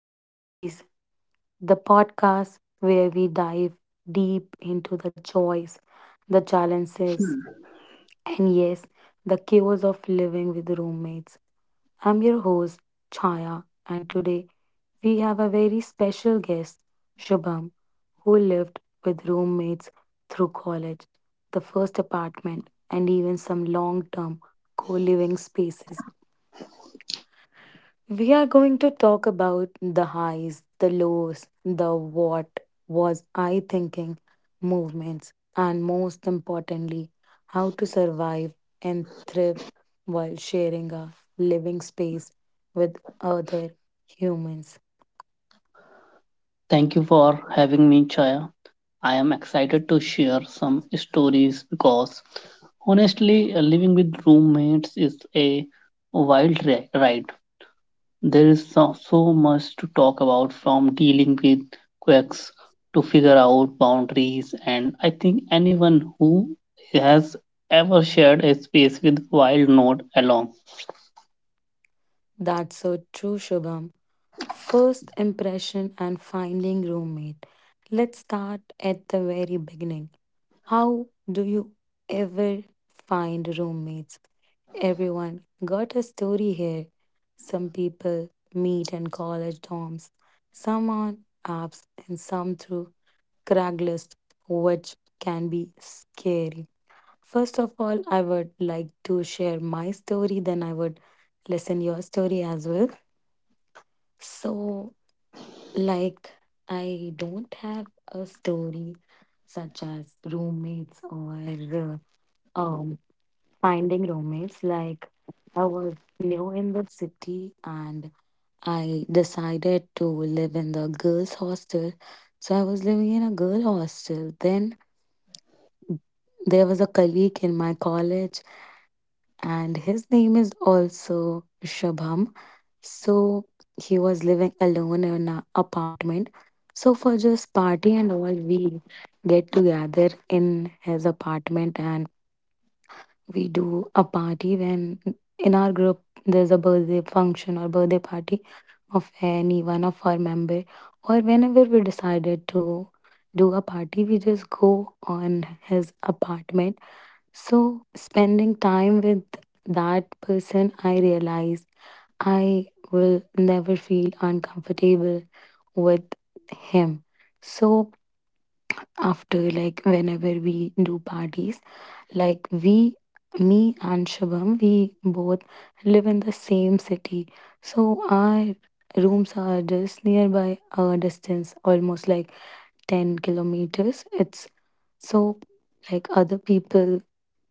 Realities, the podcast where we dive deep into the joys, the challenges, Hmm. and yes, the chaos of living with roommates. I'm your host, Chaya, and today we have a very special guest, Shubham, who lived with roommates through college, the first apartment, and even some long term co living spaces. We are going to talk about the highs, the lows, the what was I thinking movements, and most importantly, how to survive and thrive while sharing a living space with other humans. Thank you for having me, Chaya. I am excited to share some stories because honestly, living with roommates is a wild ride. There is so much to talk about, from dealing with quirks to figure out boundaries, and I think anyone who has ever shared a space with Wild Node along. That's so true, Shubham. First impression and finding roommate. Let's start at the very beginning. How do you ever find roommates? Everyone got a story here. Some people meet in college dorms, some on apps, and some through Craigslist, which can be scary. First of all, I would like to share my story, then I would listen your story as well. So, like, I don't have a story such as roommates or uh, um finding roommates. Like I was new in the city and I decided to live in the girls' hostel. So I was living in a girl hostel. Then there was a colleague in my college and his name is also Shabham. So he was living alone in an apartment. So for just party and all, we get together in his apartment and we do a party when in our group there's a birthday function or birthday party of any one of our member or whenever we decided to do a party we just go on his apartment. So spending time with that person I realize I will never feel uncomfortable with him. So after like whenever we do parties, like we, me and Shubham, we both live in the same city. So our rooms are just nearby a distance, almost like 10 kilometers. It's so like other people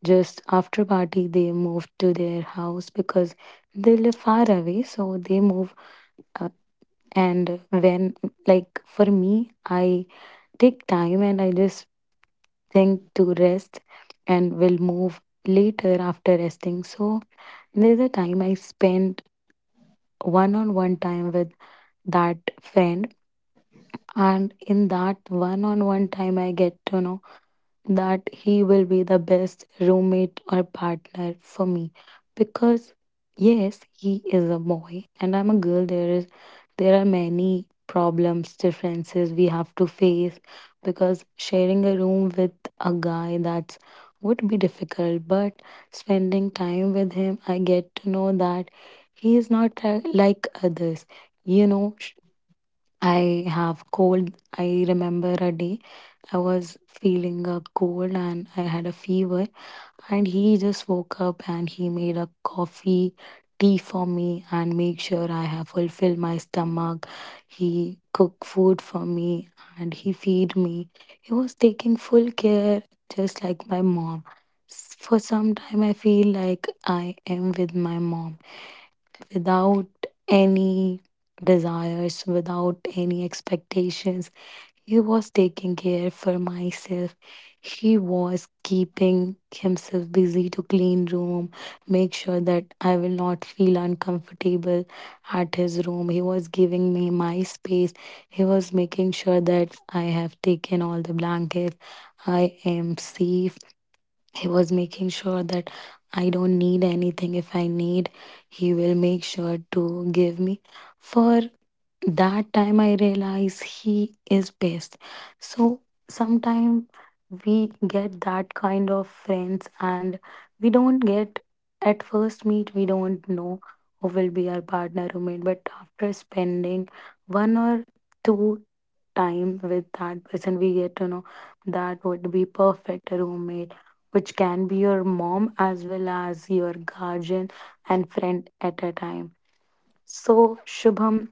just after party they move to their house because they live far away so they move, uh, and when like for me I take time and I just thing to rest and will move later after resting. So there's a time I spent one on one time with that friend, and in that one on one time, I get to know that he will be the best roommate or partner for me because yes he is a boy and I'm a girl, there are many problems differences we have to face because sharing a room with a guy that's would be difficult. But spending time with him I get to know that he is not like others. you know sh- I have cold. I remember a day I was feeling a cold and I had a fever and he just woke up and he made a coffee tea for me and make sure I have fulfilled my stomach. He cooked food for me and he feed me. He was taking full care just like my mom. For some time I feel like I am with my mom without any desires, without any expectations. He was taking care for myself. He was keeping himself busy to clean room, make sure that I will not feel uncomfortable at his room. He was giving me my space. He was making sure that I have taken all the blankets. I am safe. He was making sure that I don't need anything. If I need, he will make sure to give me. For that time, I realize he is best. So sometimes we get that kind of friends and we don't get at first meet, we don't know who will be our partner roommate. But after spending one or two time with that person, we get to know that would be perfect roommate, which can be your mom as well as your guardian and friend at a time. So, Shubham,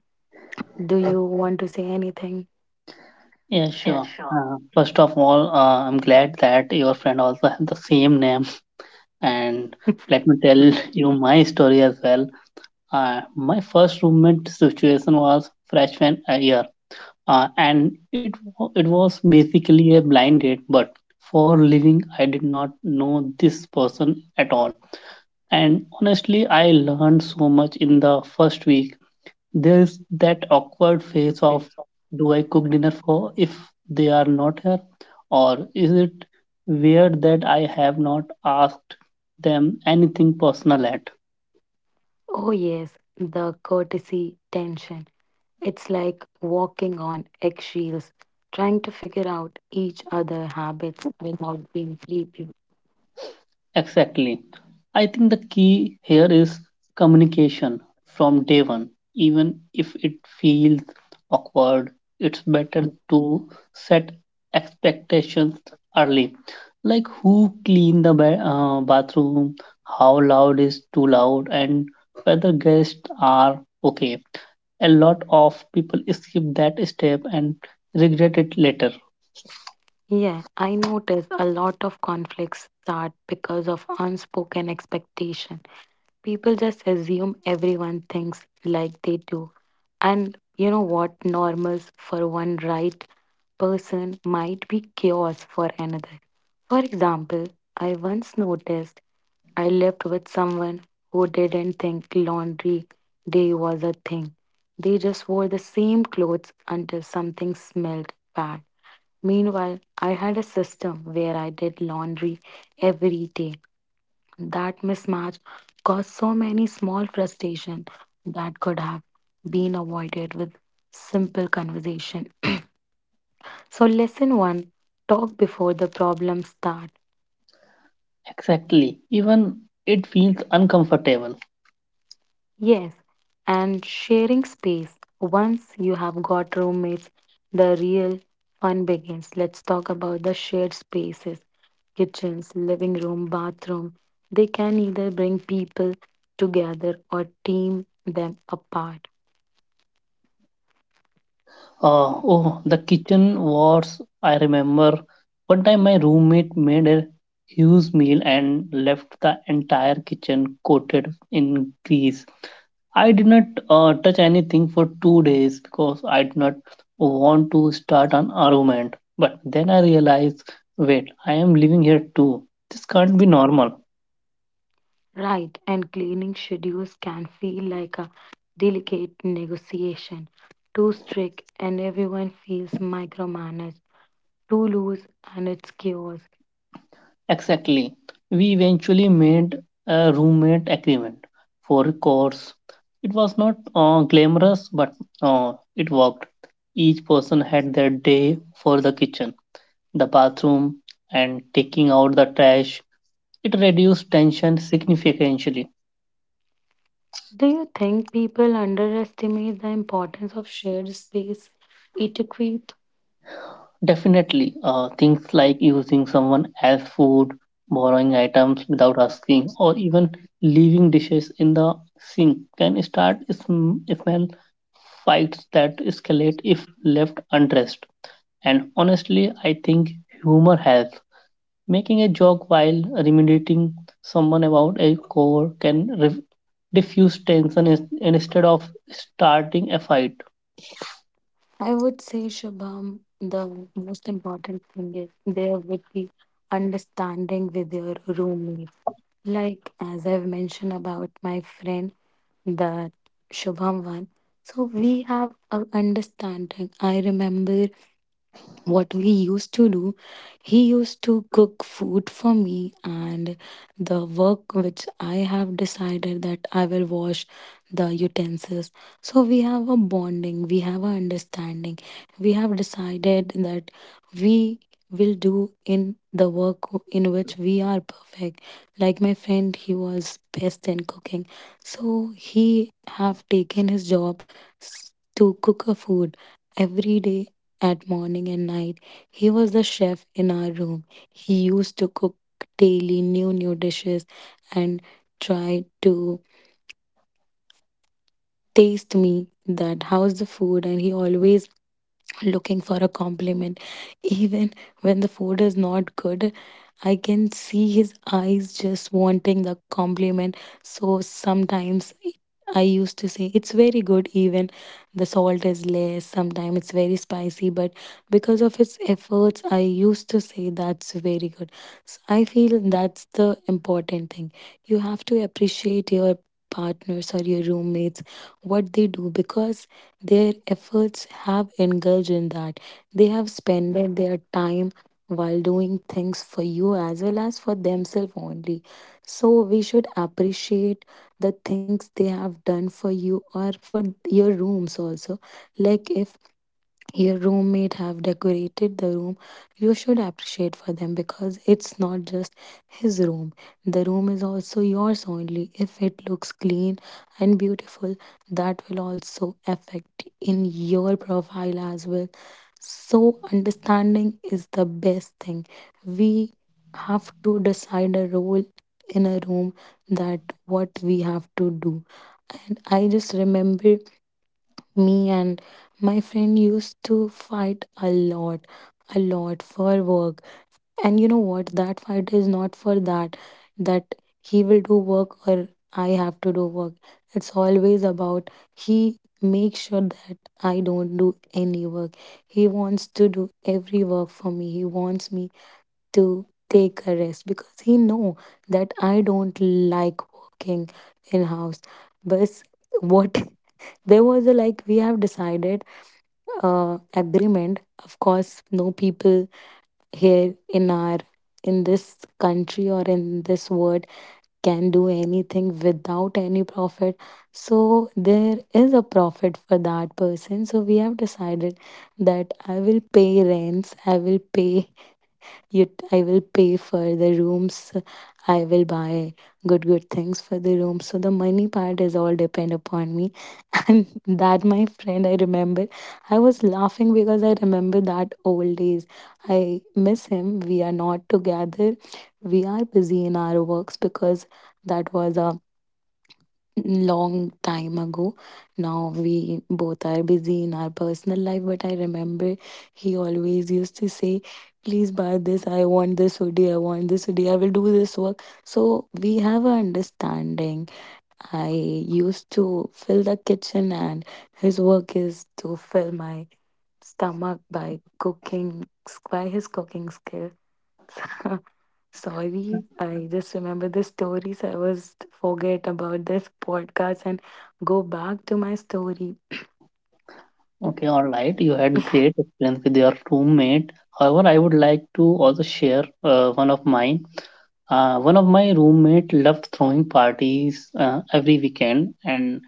do you want to say anything? Yeah, sure. First of all, I'm glad that your friend also has the same name, and let me tell you my story as well. My first roommate situation was freshman year. And it was basically a blind date, but for living, I did not know this person at all, and honestly, I learned so much in the first week. There is that awkward phase of, do I cook dinner for if they are not here, or is it weird that I have not asked them anything personal at? Oh, yes, the courtesy tension. It's like walking on eggshells, trying to figure out each other habits without being creepy. Exactly. I think the key here is communication from day one. Even if it feels awkward, it's better to set expectations early. Like, who clean the bathroom, how loud is too loud, and whether guests are okay. A lot of people skip that step and regret it later. Yeah, I notice a lot of conflicts start because of unspoken expectation. People just assume everyone thinks like they do. And you know what? Normals for one right person might be chaos for another. For example, I once noticed I lived with someone who didn't think laundry day was a thing. They just wore the same clothes until something smelled bad. Meanwhile, I had a system where I did laundry every day. That mismatch caused so many small frustration that could have been avoided with simple conversation. So lesson 1, talk before the problems start. Exactly. Even it feels uncomfortable. Yes, and sharing space. Once you have got roommates, the real fun begins. Let's talk about the shared spaces kitchens, living room, bathroom. They can either bring people together or team them apart. Oh, the kitchen wars. I remember one time my roommate made a huge meal and left the entire kitchen coated in grease. I did not touch anything for 2 days because I did not want to start an argument. But then I realized, wait, I am living here too. This can't be normal. Right, and cleaning schedules can feel like a delicate negotiation. Too strict, and everyone feels micromanaged. Too loose, and it's chaos. Exactly. We eventually made a roommate agreement for records. It was not glamorous, but it worked. Each person had their day for the kitchen, the bathroom, and taking out the trash. It reduced tension significantly. Do you think people underestimate the importance of shared space etiquette? Definitely. Things like using someone else's food, borrowing items without asking, or even leaving dishes in the sink can start smell fights that escalate if left unaddressed. And honestly, I think humor helps. Making a joke while reminding someone about a core can diffuse tension instead of starting a fight. I would say, Shubham, the most important thing is there would be understanding with your roommate. Like, as I've mentioned about my friend, that Shubham one. So we have a understanding. I remember what he used to do, he used to cook food for me, and the work which I have decided that I will wash the utensils. So we have a bonding, we have a understanding, we have decided that we will do in the work in which we are perfect. Like my friend he was best in cooking, so he have taken his job to cook a food every day at morning and night. He was the chef in our room. He used to cook daily new new dishes and try to taste me that how's the food, and he always looking for a compliment, even when the food is not good I can see his eyes just wanting the compliment. So sometimes I used to say it's very good, even the salt is less. Sometimes it's very spicy, but because of his efforts, I used to say that's very good. So I feel that's the important thing. You have to appreciate your partners or your roommates what they do because their efforts have indulged in that, they have spent their time while doing things for you as well as for themselves only. So we should appreciate the things they have done for you or for your rooms also. Like if your roommate have decorated the room you should appreciate for them because it's not just his room, the room is also yours only. If it looks clean and beautiful that will also affect in your profile as well. So understanding is the best thing. We have to decide a role in a room that what we have to do. And I just remember me and my friend used to fight a lot for work. And you know what? That fight is not for that, that he will do work or I have to do work. It's always about he makes sure that I don't do any work. He wants to do every work for me. He wants me to take a rest because he know that I don't like working in house. But what there was a like we have decided agreement. Of course, no people here in our in this country or in this world can do anything without any profit. So there is a profit for that person. So we have decided that I will pay rents, I will pay you, I will pay for the rooms, I will buy good good things for the room. So the money part is all depend upon me, and that, my friend, I remember. I was laughing because I remember that old days. I miss him. We are not together. We are busy in our works because that was a long time ago. Now we both are busy in our personal life. But I remember he always used to say, please buy this. I want this hoodie. I want this hoodie. I will do this work. So we have an understanding. I used to fill the kitchen, and his work is to fill my stomach by cooking, by his cooking skill. Sorry, I just remember the stories. I was forget about this podcast and go back to my story. Okay, all right. You had great experience with your roommate. However, I would like to also share one of mine. One of my roommate loved throwing parties every weekend, and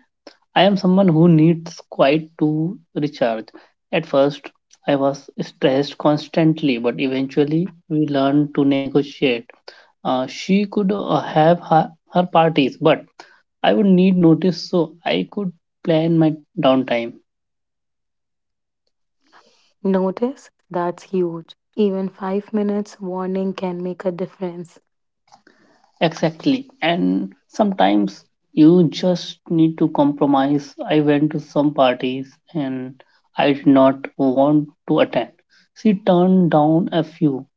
I am someone who needs quiet to recharge. At first, I was stressed constantly, but eventually, we learned to negotiate. She could have her parties, but I would need notice so I could plan my downtime. Notice that's huge. Even 5 minutes warning can make a difference. Exactly. And sometimes you just need to compromise. I went to some parties and I did not want to attend. She turned down a few,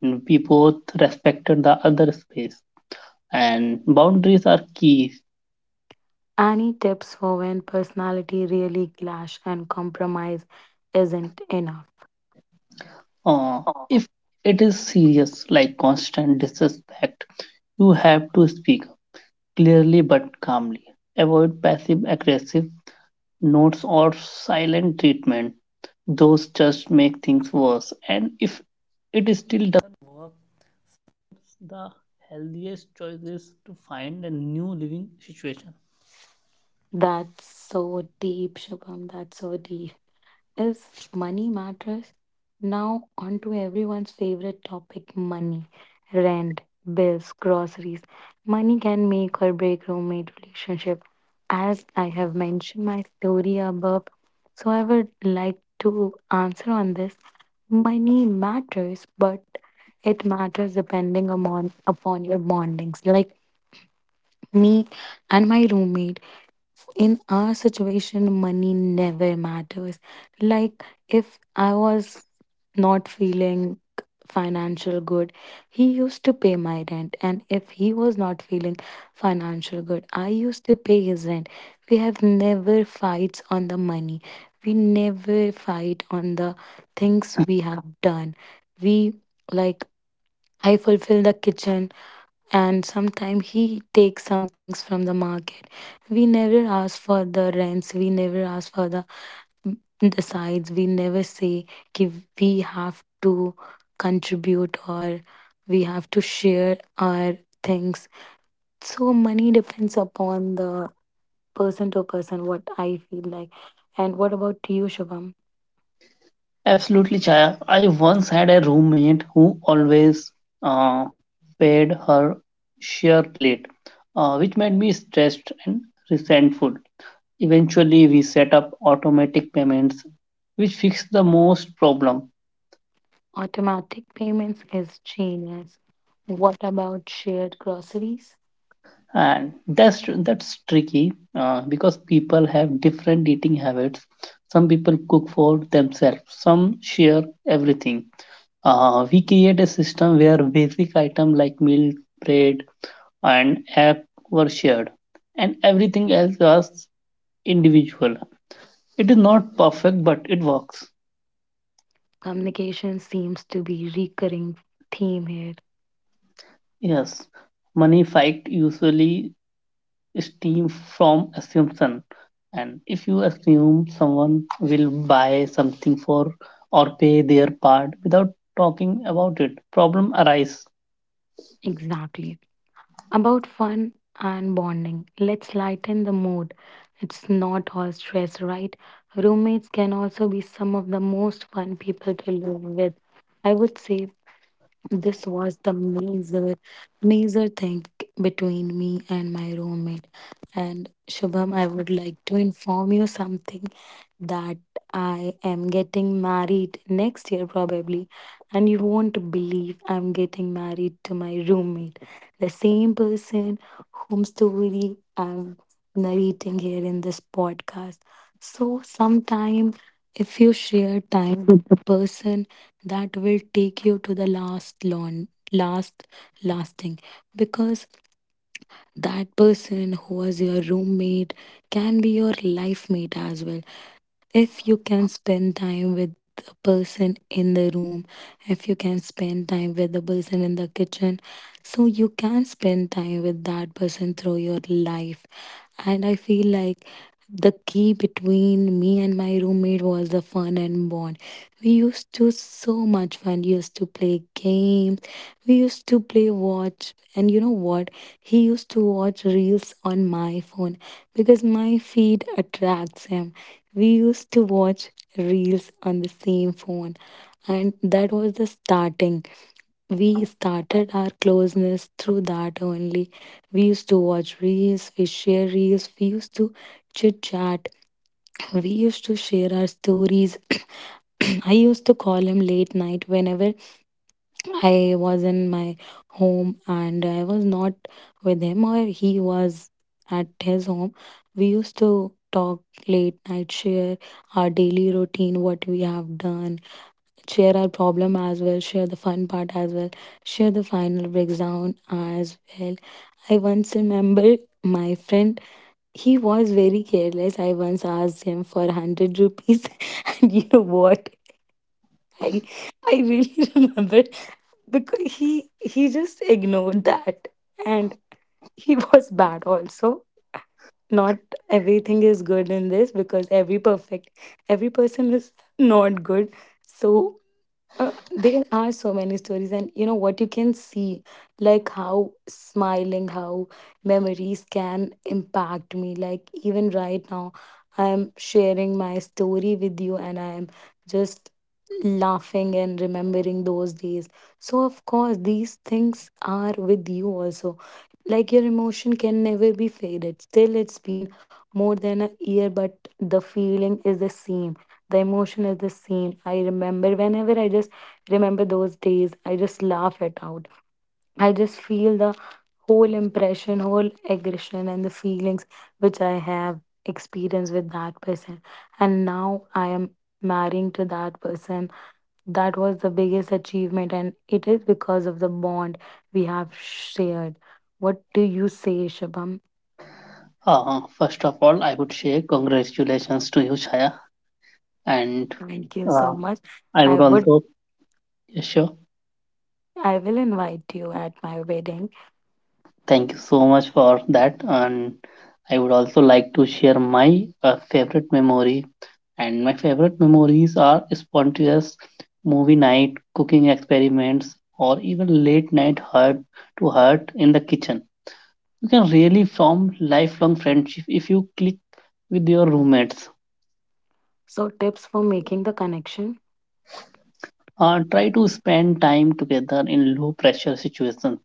and we both respected the other space. And boundaries are key. Any tips for when personality really clash and compromise isn't enough? Uh, if it is serious, like constant disrespect, you have to speak clearly but calmly. Avoid passive aggressive notes or silent treatment. Those just make things worse. And if it is still That's so deep, Shubham. That's so deep. Is money matters? Now, on to everyone's favorite topic money, rent, bills, groceries. Money can make or break roommate relationship. As I have mentioned my story above, so I would like to answer on this. Money matters, but it matters depending upon your bondings. Like me and my roommate, in our situation money never matters. Like, if I was not feeling financial good, he used to pay my rent, and if he was not feeling financial good, I used to pay his rent. We have never fights on the money, we never fight on the things we have done. We like i fulfill the kitchen, and sometimes he takes some things from the market. We never ask for the rents, we never ask for the mm, the sides, we never say ki we have to contribute or we have to share our things. So money depends upon the person to person, what I feel like. And what about you, Shubham? Absolutely, Chaya. I once had a roommate who always uh, paid her share plate, which made me stressed and resentful. Eventually, we set up automatic payments, which fixed the most problem. Automatic payments is genius. What about shared groceries? And that's tricky because people have different eating habits. Some people cook for themselves. Some share everything. We create a system where basic items like milk, bread, and act were shared, and everything else was individual. It is not perfect, but it works. Communication seems to be recurring theme here. Yes, money fight usually steam from assumption, and if you assume someone will buy something for or pay their part without talking about it, problem arise. Exactly. About fun and bonding, let's lighten the mood. It's not all stress, right? Roommates can also be some of the most fun people to live with. I would say this was the major thing between me and my roommate. And Shubham, I would like to inform you something, that I am getting married next year probably. And you won't believe, I'm getting married to my roommate, the same person whom story I'm narrating here in this podcast. So sometime, if you share time with the person, that will take you to the last lasting, because that person who was your roommate can be your life mate as well. If you can spend time with the person in the room, if you can spend time with the person in the kitchen, so you can spend time with that person through your life. And I feel like the key between me and my roommate was the fun and bond. We used to so much fun, we used to play games, we used to play watch, and you know what? He used to watch reels on my phone because my feed attracts him. We used to watch reels on the same phone, and that was the starting. We started our closeness through that only. We used to watch reels, we share reels, we used to chit chat, we used to share our stories. I used to call him late night whenever I was in my home and I was not with him, or he was at his home. We used to talk late night, share our daily routine, what we have done, share our problem as well, share the fun part as well, share the final breakdown as well. I once remember my friend, he was very careless. I once asked him for 100 rupees and you know what? I I really remember, because he just ignored that, and he was bad also. Not everything is good in this, because every person is not good. So there are so many stories, and you know what you can see, like how smiling, how memories can impact me. Like, even right now, I'm sharing my story with you, and I'm just laughing and remembering those days. So, of course, these things are with you also. Like, your emotion can never be faded. Still, it's been more than a year, but the feeling is the same. The emotion is the same. I remember whenever I just remember those days, I just laugh it out. I just feel the whole impression, whole aggression, and the feelings which I have experienced with that person. And now I am marrying to that person. That was the biggest achievement, and it is because of the bond we have shared. What do you say, Shabam? First of all, I would say congratulations to you, Chaya, and Thank you uh, so much. I I would would, also yes, sure. I will invite you at my wedding. Thank you so much for that. And I would also like to share my favorite memory. And my favorite memories are spontaneous movie night, cooking experiments, or even late night heart to heart in the kitchen. You can really form lifelong friendship if you click with your roommates. So, tips for making the connection. Try to spend time together in low pressure situations,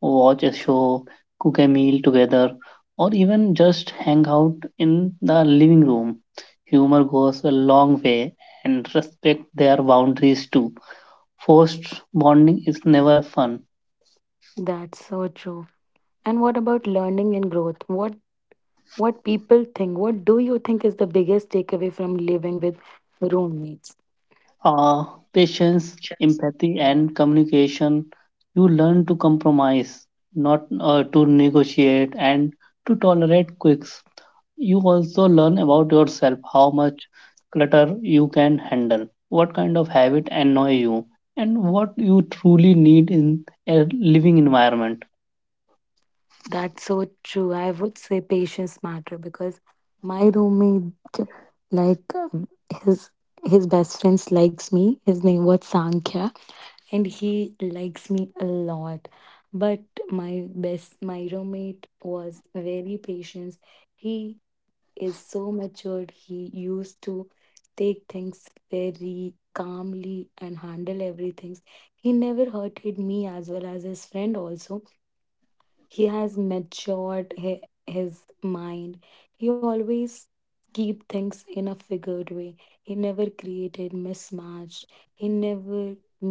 watch a show, cook a meal together, or even just hang out in the living room. Humor goes a long way, and respect their boundaries too. Forced bonding is never a fun. That's so true. And what about learning and growth? What people think? What do you think is the biggest takeaway from living with roommates? Uh, Patience, empathy, and communication. You learn to compromise, not to negotiate, and to tolerate quirks. You also learn about yourself, how much clutter you can handle, what kind of habit annoy you, and what you truly need in a living environment. That's so true. I would say patience matter, because my roommate, like, his his best friends likes me. His name was Sankhya, and he likes me a lot. But my roommate was very patient. He is so matured. He used to take things very calmly and handle everything. He never hurted me, as well as his friend also. He has matured his mind. He always keep things in a figured way. He never created mismatch. He never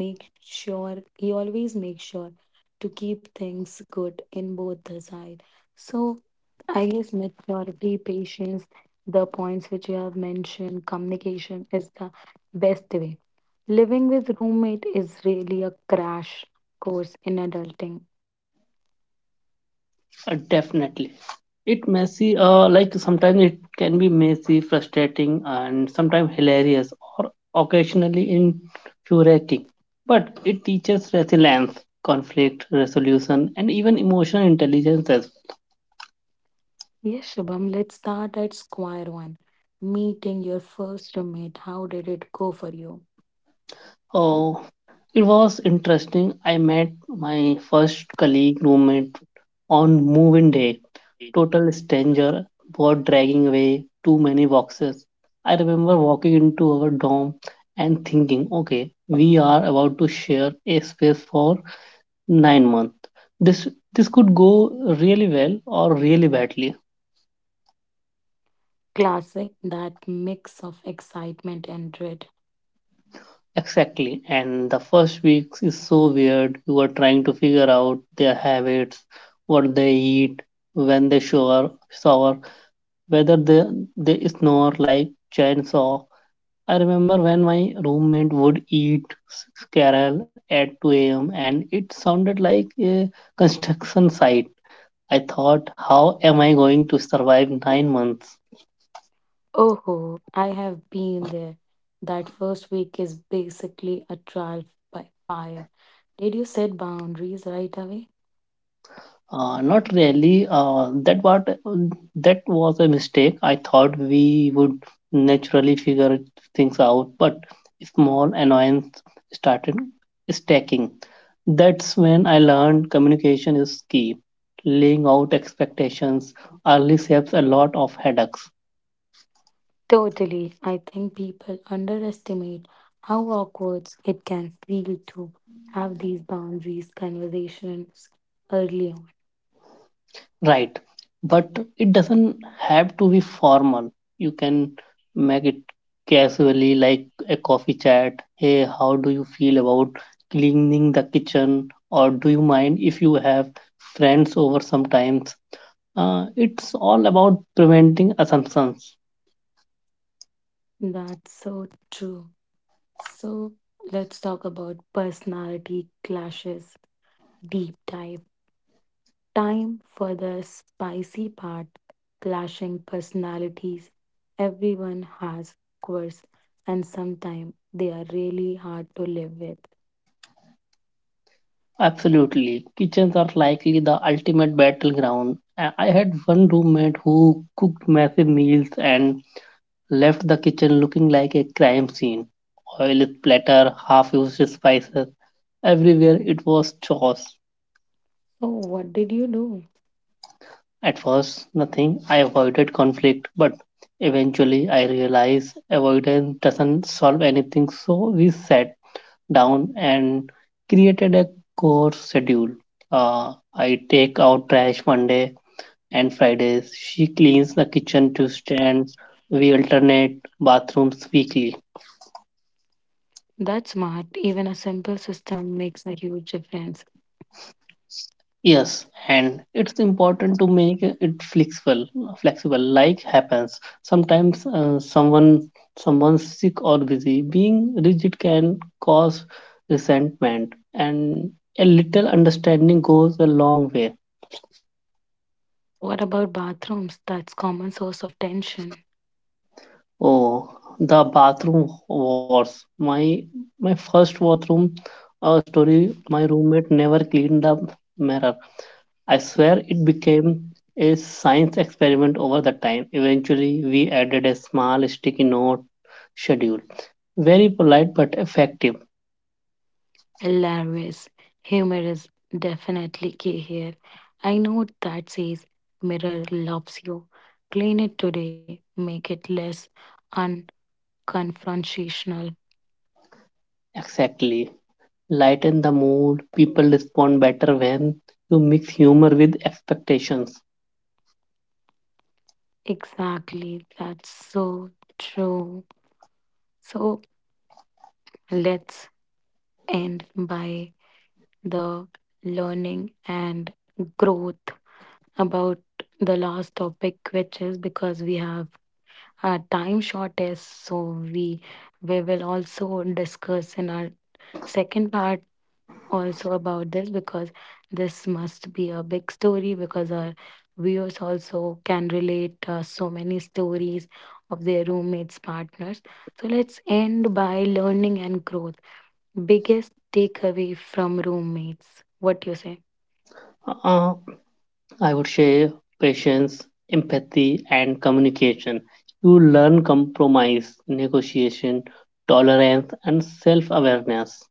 make sure he always makes sure to keep things good in both the side. So I guess maturity, patience, the points which you have mentioned, communication is the best way. Living with roommate is really a crash course in adulting. Definitely, it messy, like sometimes it can be messy, frustrating, and sometimes hilarious, or occasionally infuriating, but it teaches resilience, conflict resolution, and even emotional intelligence as well. Yes, Shubham, let's start at square one. Meeting your first roommate, how did it go for you? Oh, it was interesting. I met my first colleague roommate on moving day. Total stranger, board dragging away too many boxes. I remember walking into our dorm and thinking, okay, we are about to share a space for 9 months. This this could go really well or really badly. Classic, that mix of excitement and dread. Exactly. And the first weeks is so weird. You are trying to figure out their habits, what they eat, when they shower, whether they snore like chainsaw. I remember when my roommate would eat squirrel at 2 a.m. and it sounded like a construction site. I thought, how am I going to survive 9 months? Oh, ho, I have been there. That first week is basically a trial by fire. Did you set boundaries right away? Not really. That what that was a mistake. I thought we would naturally figure things out, but small annoyance started stacking. That's when I learned communication is key. Laying out expectations early saves a lot of headaches. Totally. I think people underestimate how awkward it can feel to have these boundaries conversations early on. Right. But it doesn't have to be formal. You can make it casually, like a coffee chat. Hey, how do you feel about cleaning the kitchen? Or do you mind if you have friends over sometimes? It's all about preventing assumptions. That's so true. So let's talk about personality clashes, deep dive. Time for the spicy part, clashing personalities. Everyone has quirks, and sometimes they are really hard to live with. Absolutely. Kitchens are likely the ultimate battleground. I had one roommate who cooked massive meals and left the kitchen looking like a crime scene, oil splatter, half used spices. Everywhere it was chaos. So, what did you do? At first, nothing. I avoided conflict, but eventually I realized avoidance doesn't solve anything. So we sat down and created a core schedule. I take out trash Monday and Fridays. She cleans the kitchen Tuesday, and we alternate bathrooms weekly. That's smart. Even a simple system makes a huge difference. Yes, and it's important to make it flexible. Flexible, like happens sometimes. Someone's sick or busy. Being rigid can cause resentment, and a little understanding goes a long way. What about bathrooms? That's common source of tension. Oh, the bathroom wars. My first bathroom story. My roommate never cleaned the mirror. I swear it became a science experiment over the time. Eventually, we added a small sticky note schedule. Very polite but effective. Hilarious. Humor is definitely key here. I know that says mirror loves you. Clean it today, make it less unconfrontational. Exactly. Lighten the mood. People respond better when you mix humor with expectations. Exactly, that's so true. So let's end by the learning and growth, about the last topic, which is because we have our time shortest, so we will also discuss in our second part also about this, because this must be a big story because our viewers also can relate so many stories of their roommates partners. So let's end by learning and growth. Biggest takeaway from roommates, what you say? Uh, I would say patience, empathy, and communication. You learn compromise, negotiation, tolerance, and self awareness.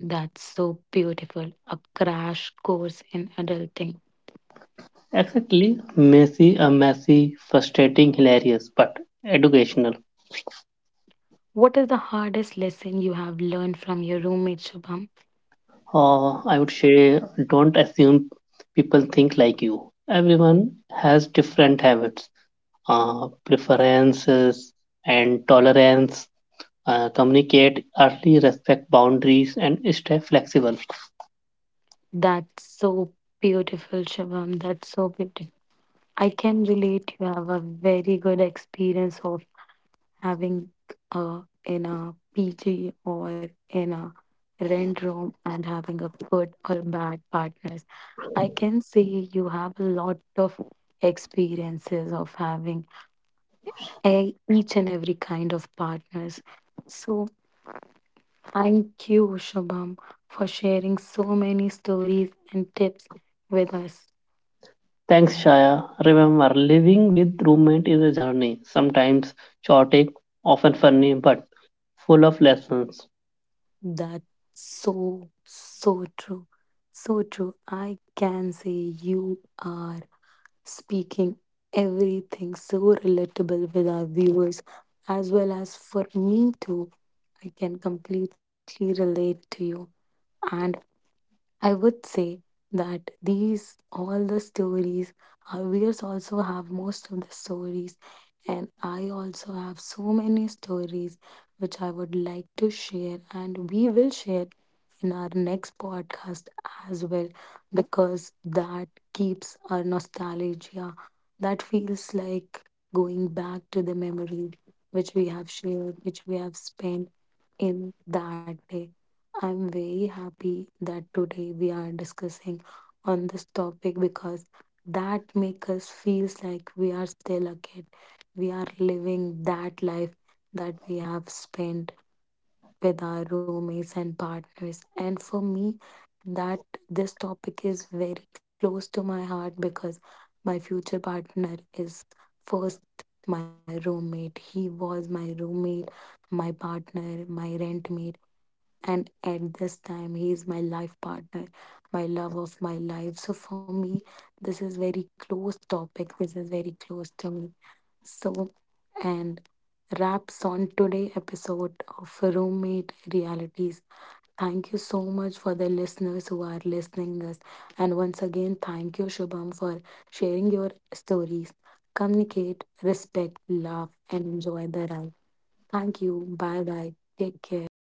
That's so beautiful, a crash course in adulting. Exactly, messy, a messy, frustrating, hilarious, but educational. What is the hardest lesson you have learned from your roommate, Shubham? I would say don't assume people think like you. Everyone has different habits, preferences, and tolerance. Communicate early, respect boundaries, and stay flexible. That's so beautiful, Shubham, that's so beautiful. I can relate. You have a very good experience of having in a PG or in a rent room, and having a good or bad partners. I can say you have a lot of experiences of having a, each and every kind of partners. So thank you, Shabam, for sharing so many stories and tips with us. Thanks, Shaya. Remember, living with roommate is a journey, sometimes chaotic, often funny, but full of lessons. That's so, so true. So true. I can say you are speaking everything so relatable with our viewers, as well as for me too. I can completely relate to you. And I would say that these all the stories, our viewers also have most of the stories, and I also have so many stories which I would like to share, and we will share in our next podcast as well, because that keeps our nostalgia. That feels like going back to the memory which we have shared, which we have spent in that day. I'm very happy that today we are discussing on this topic, because that makes us feels like we are still a kid. We are living that life that we have spent with our roommates and partners. And for me, that this topic is very close to my heart, because my future partner is first my roommate. He was my roommate, my partner, my rentmate. And at this time, he is my life partner, my love of my life. So for me, this is very close topic. This is very close to me. So, and wraps on today episode of Roommate Realities. Thank you so much for the listeners who are listening us. And once again, thank you, Shubham, for sharing your stories. Communicate, respect, love, and enjoy the ride. Thank you. Bye bye. Take care.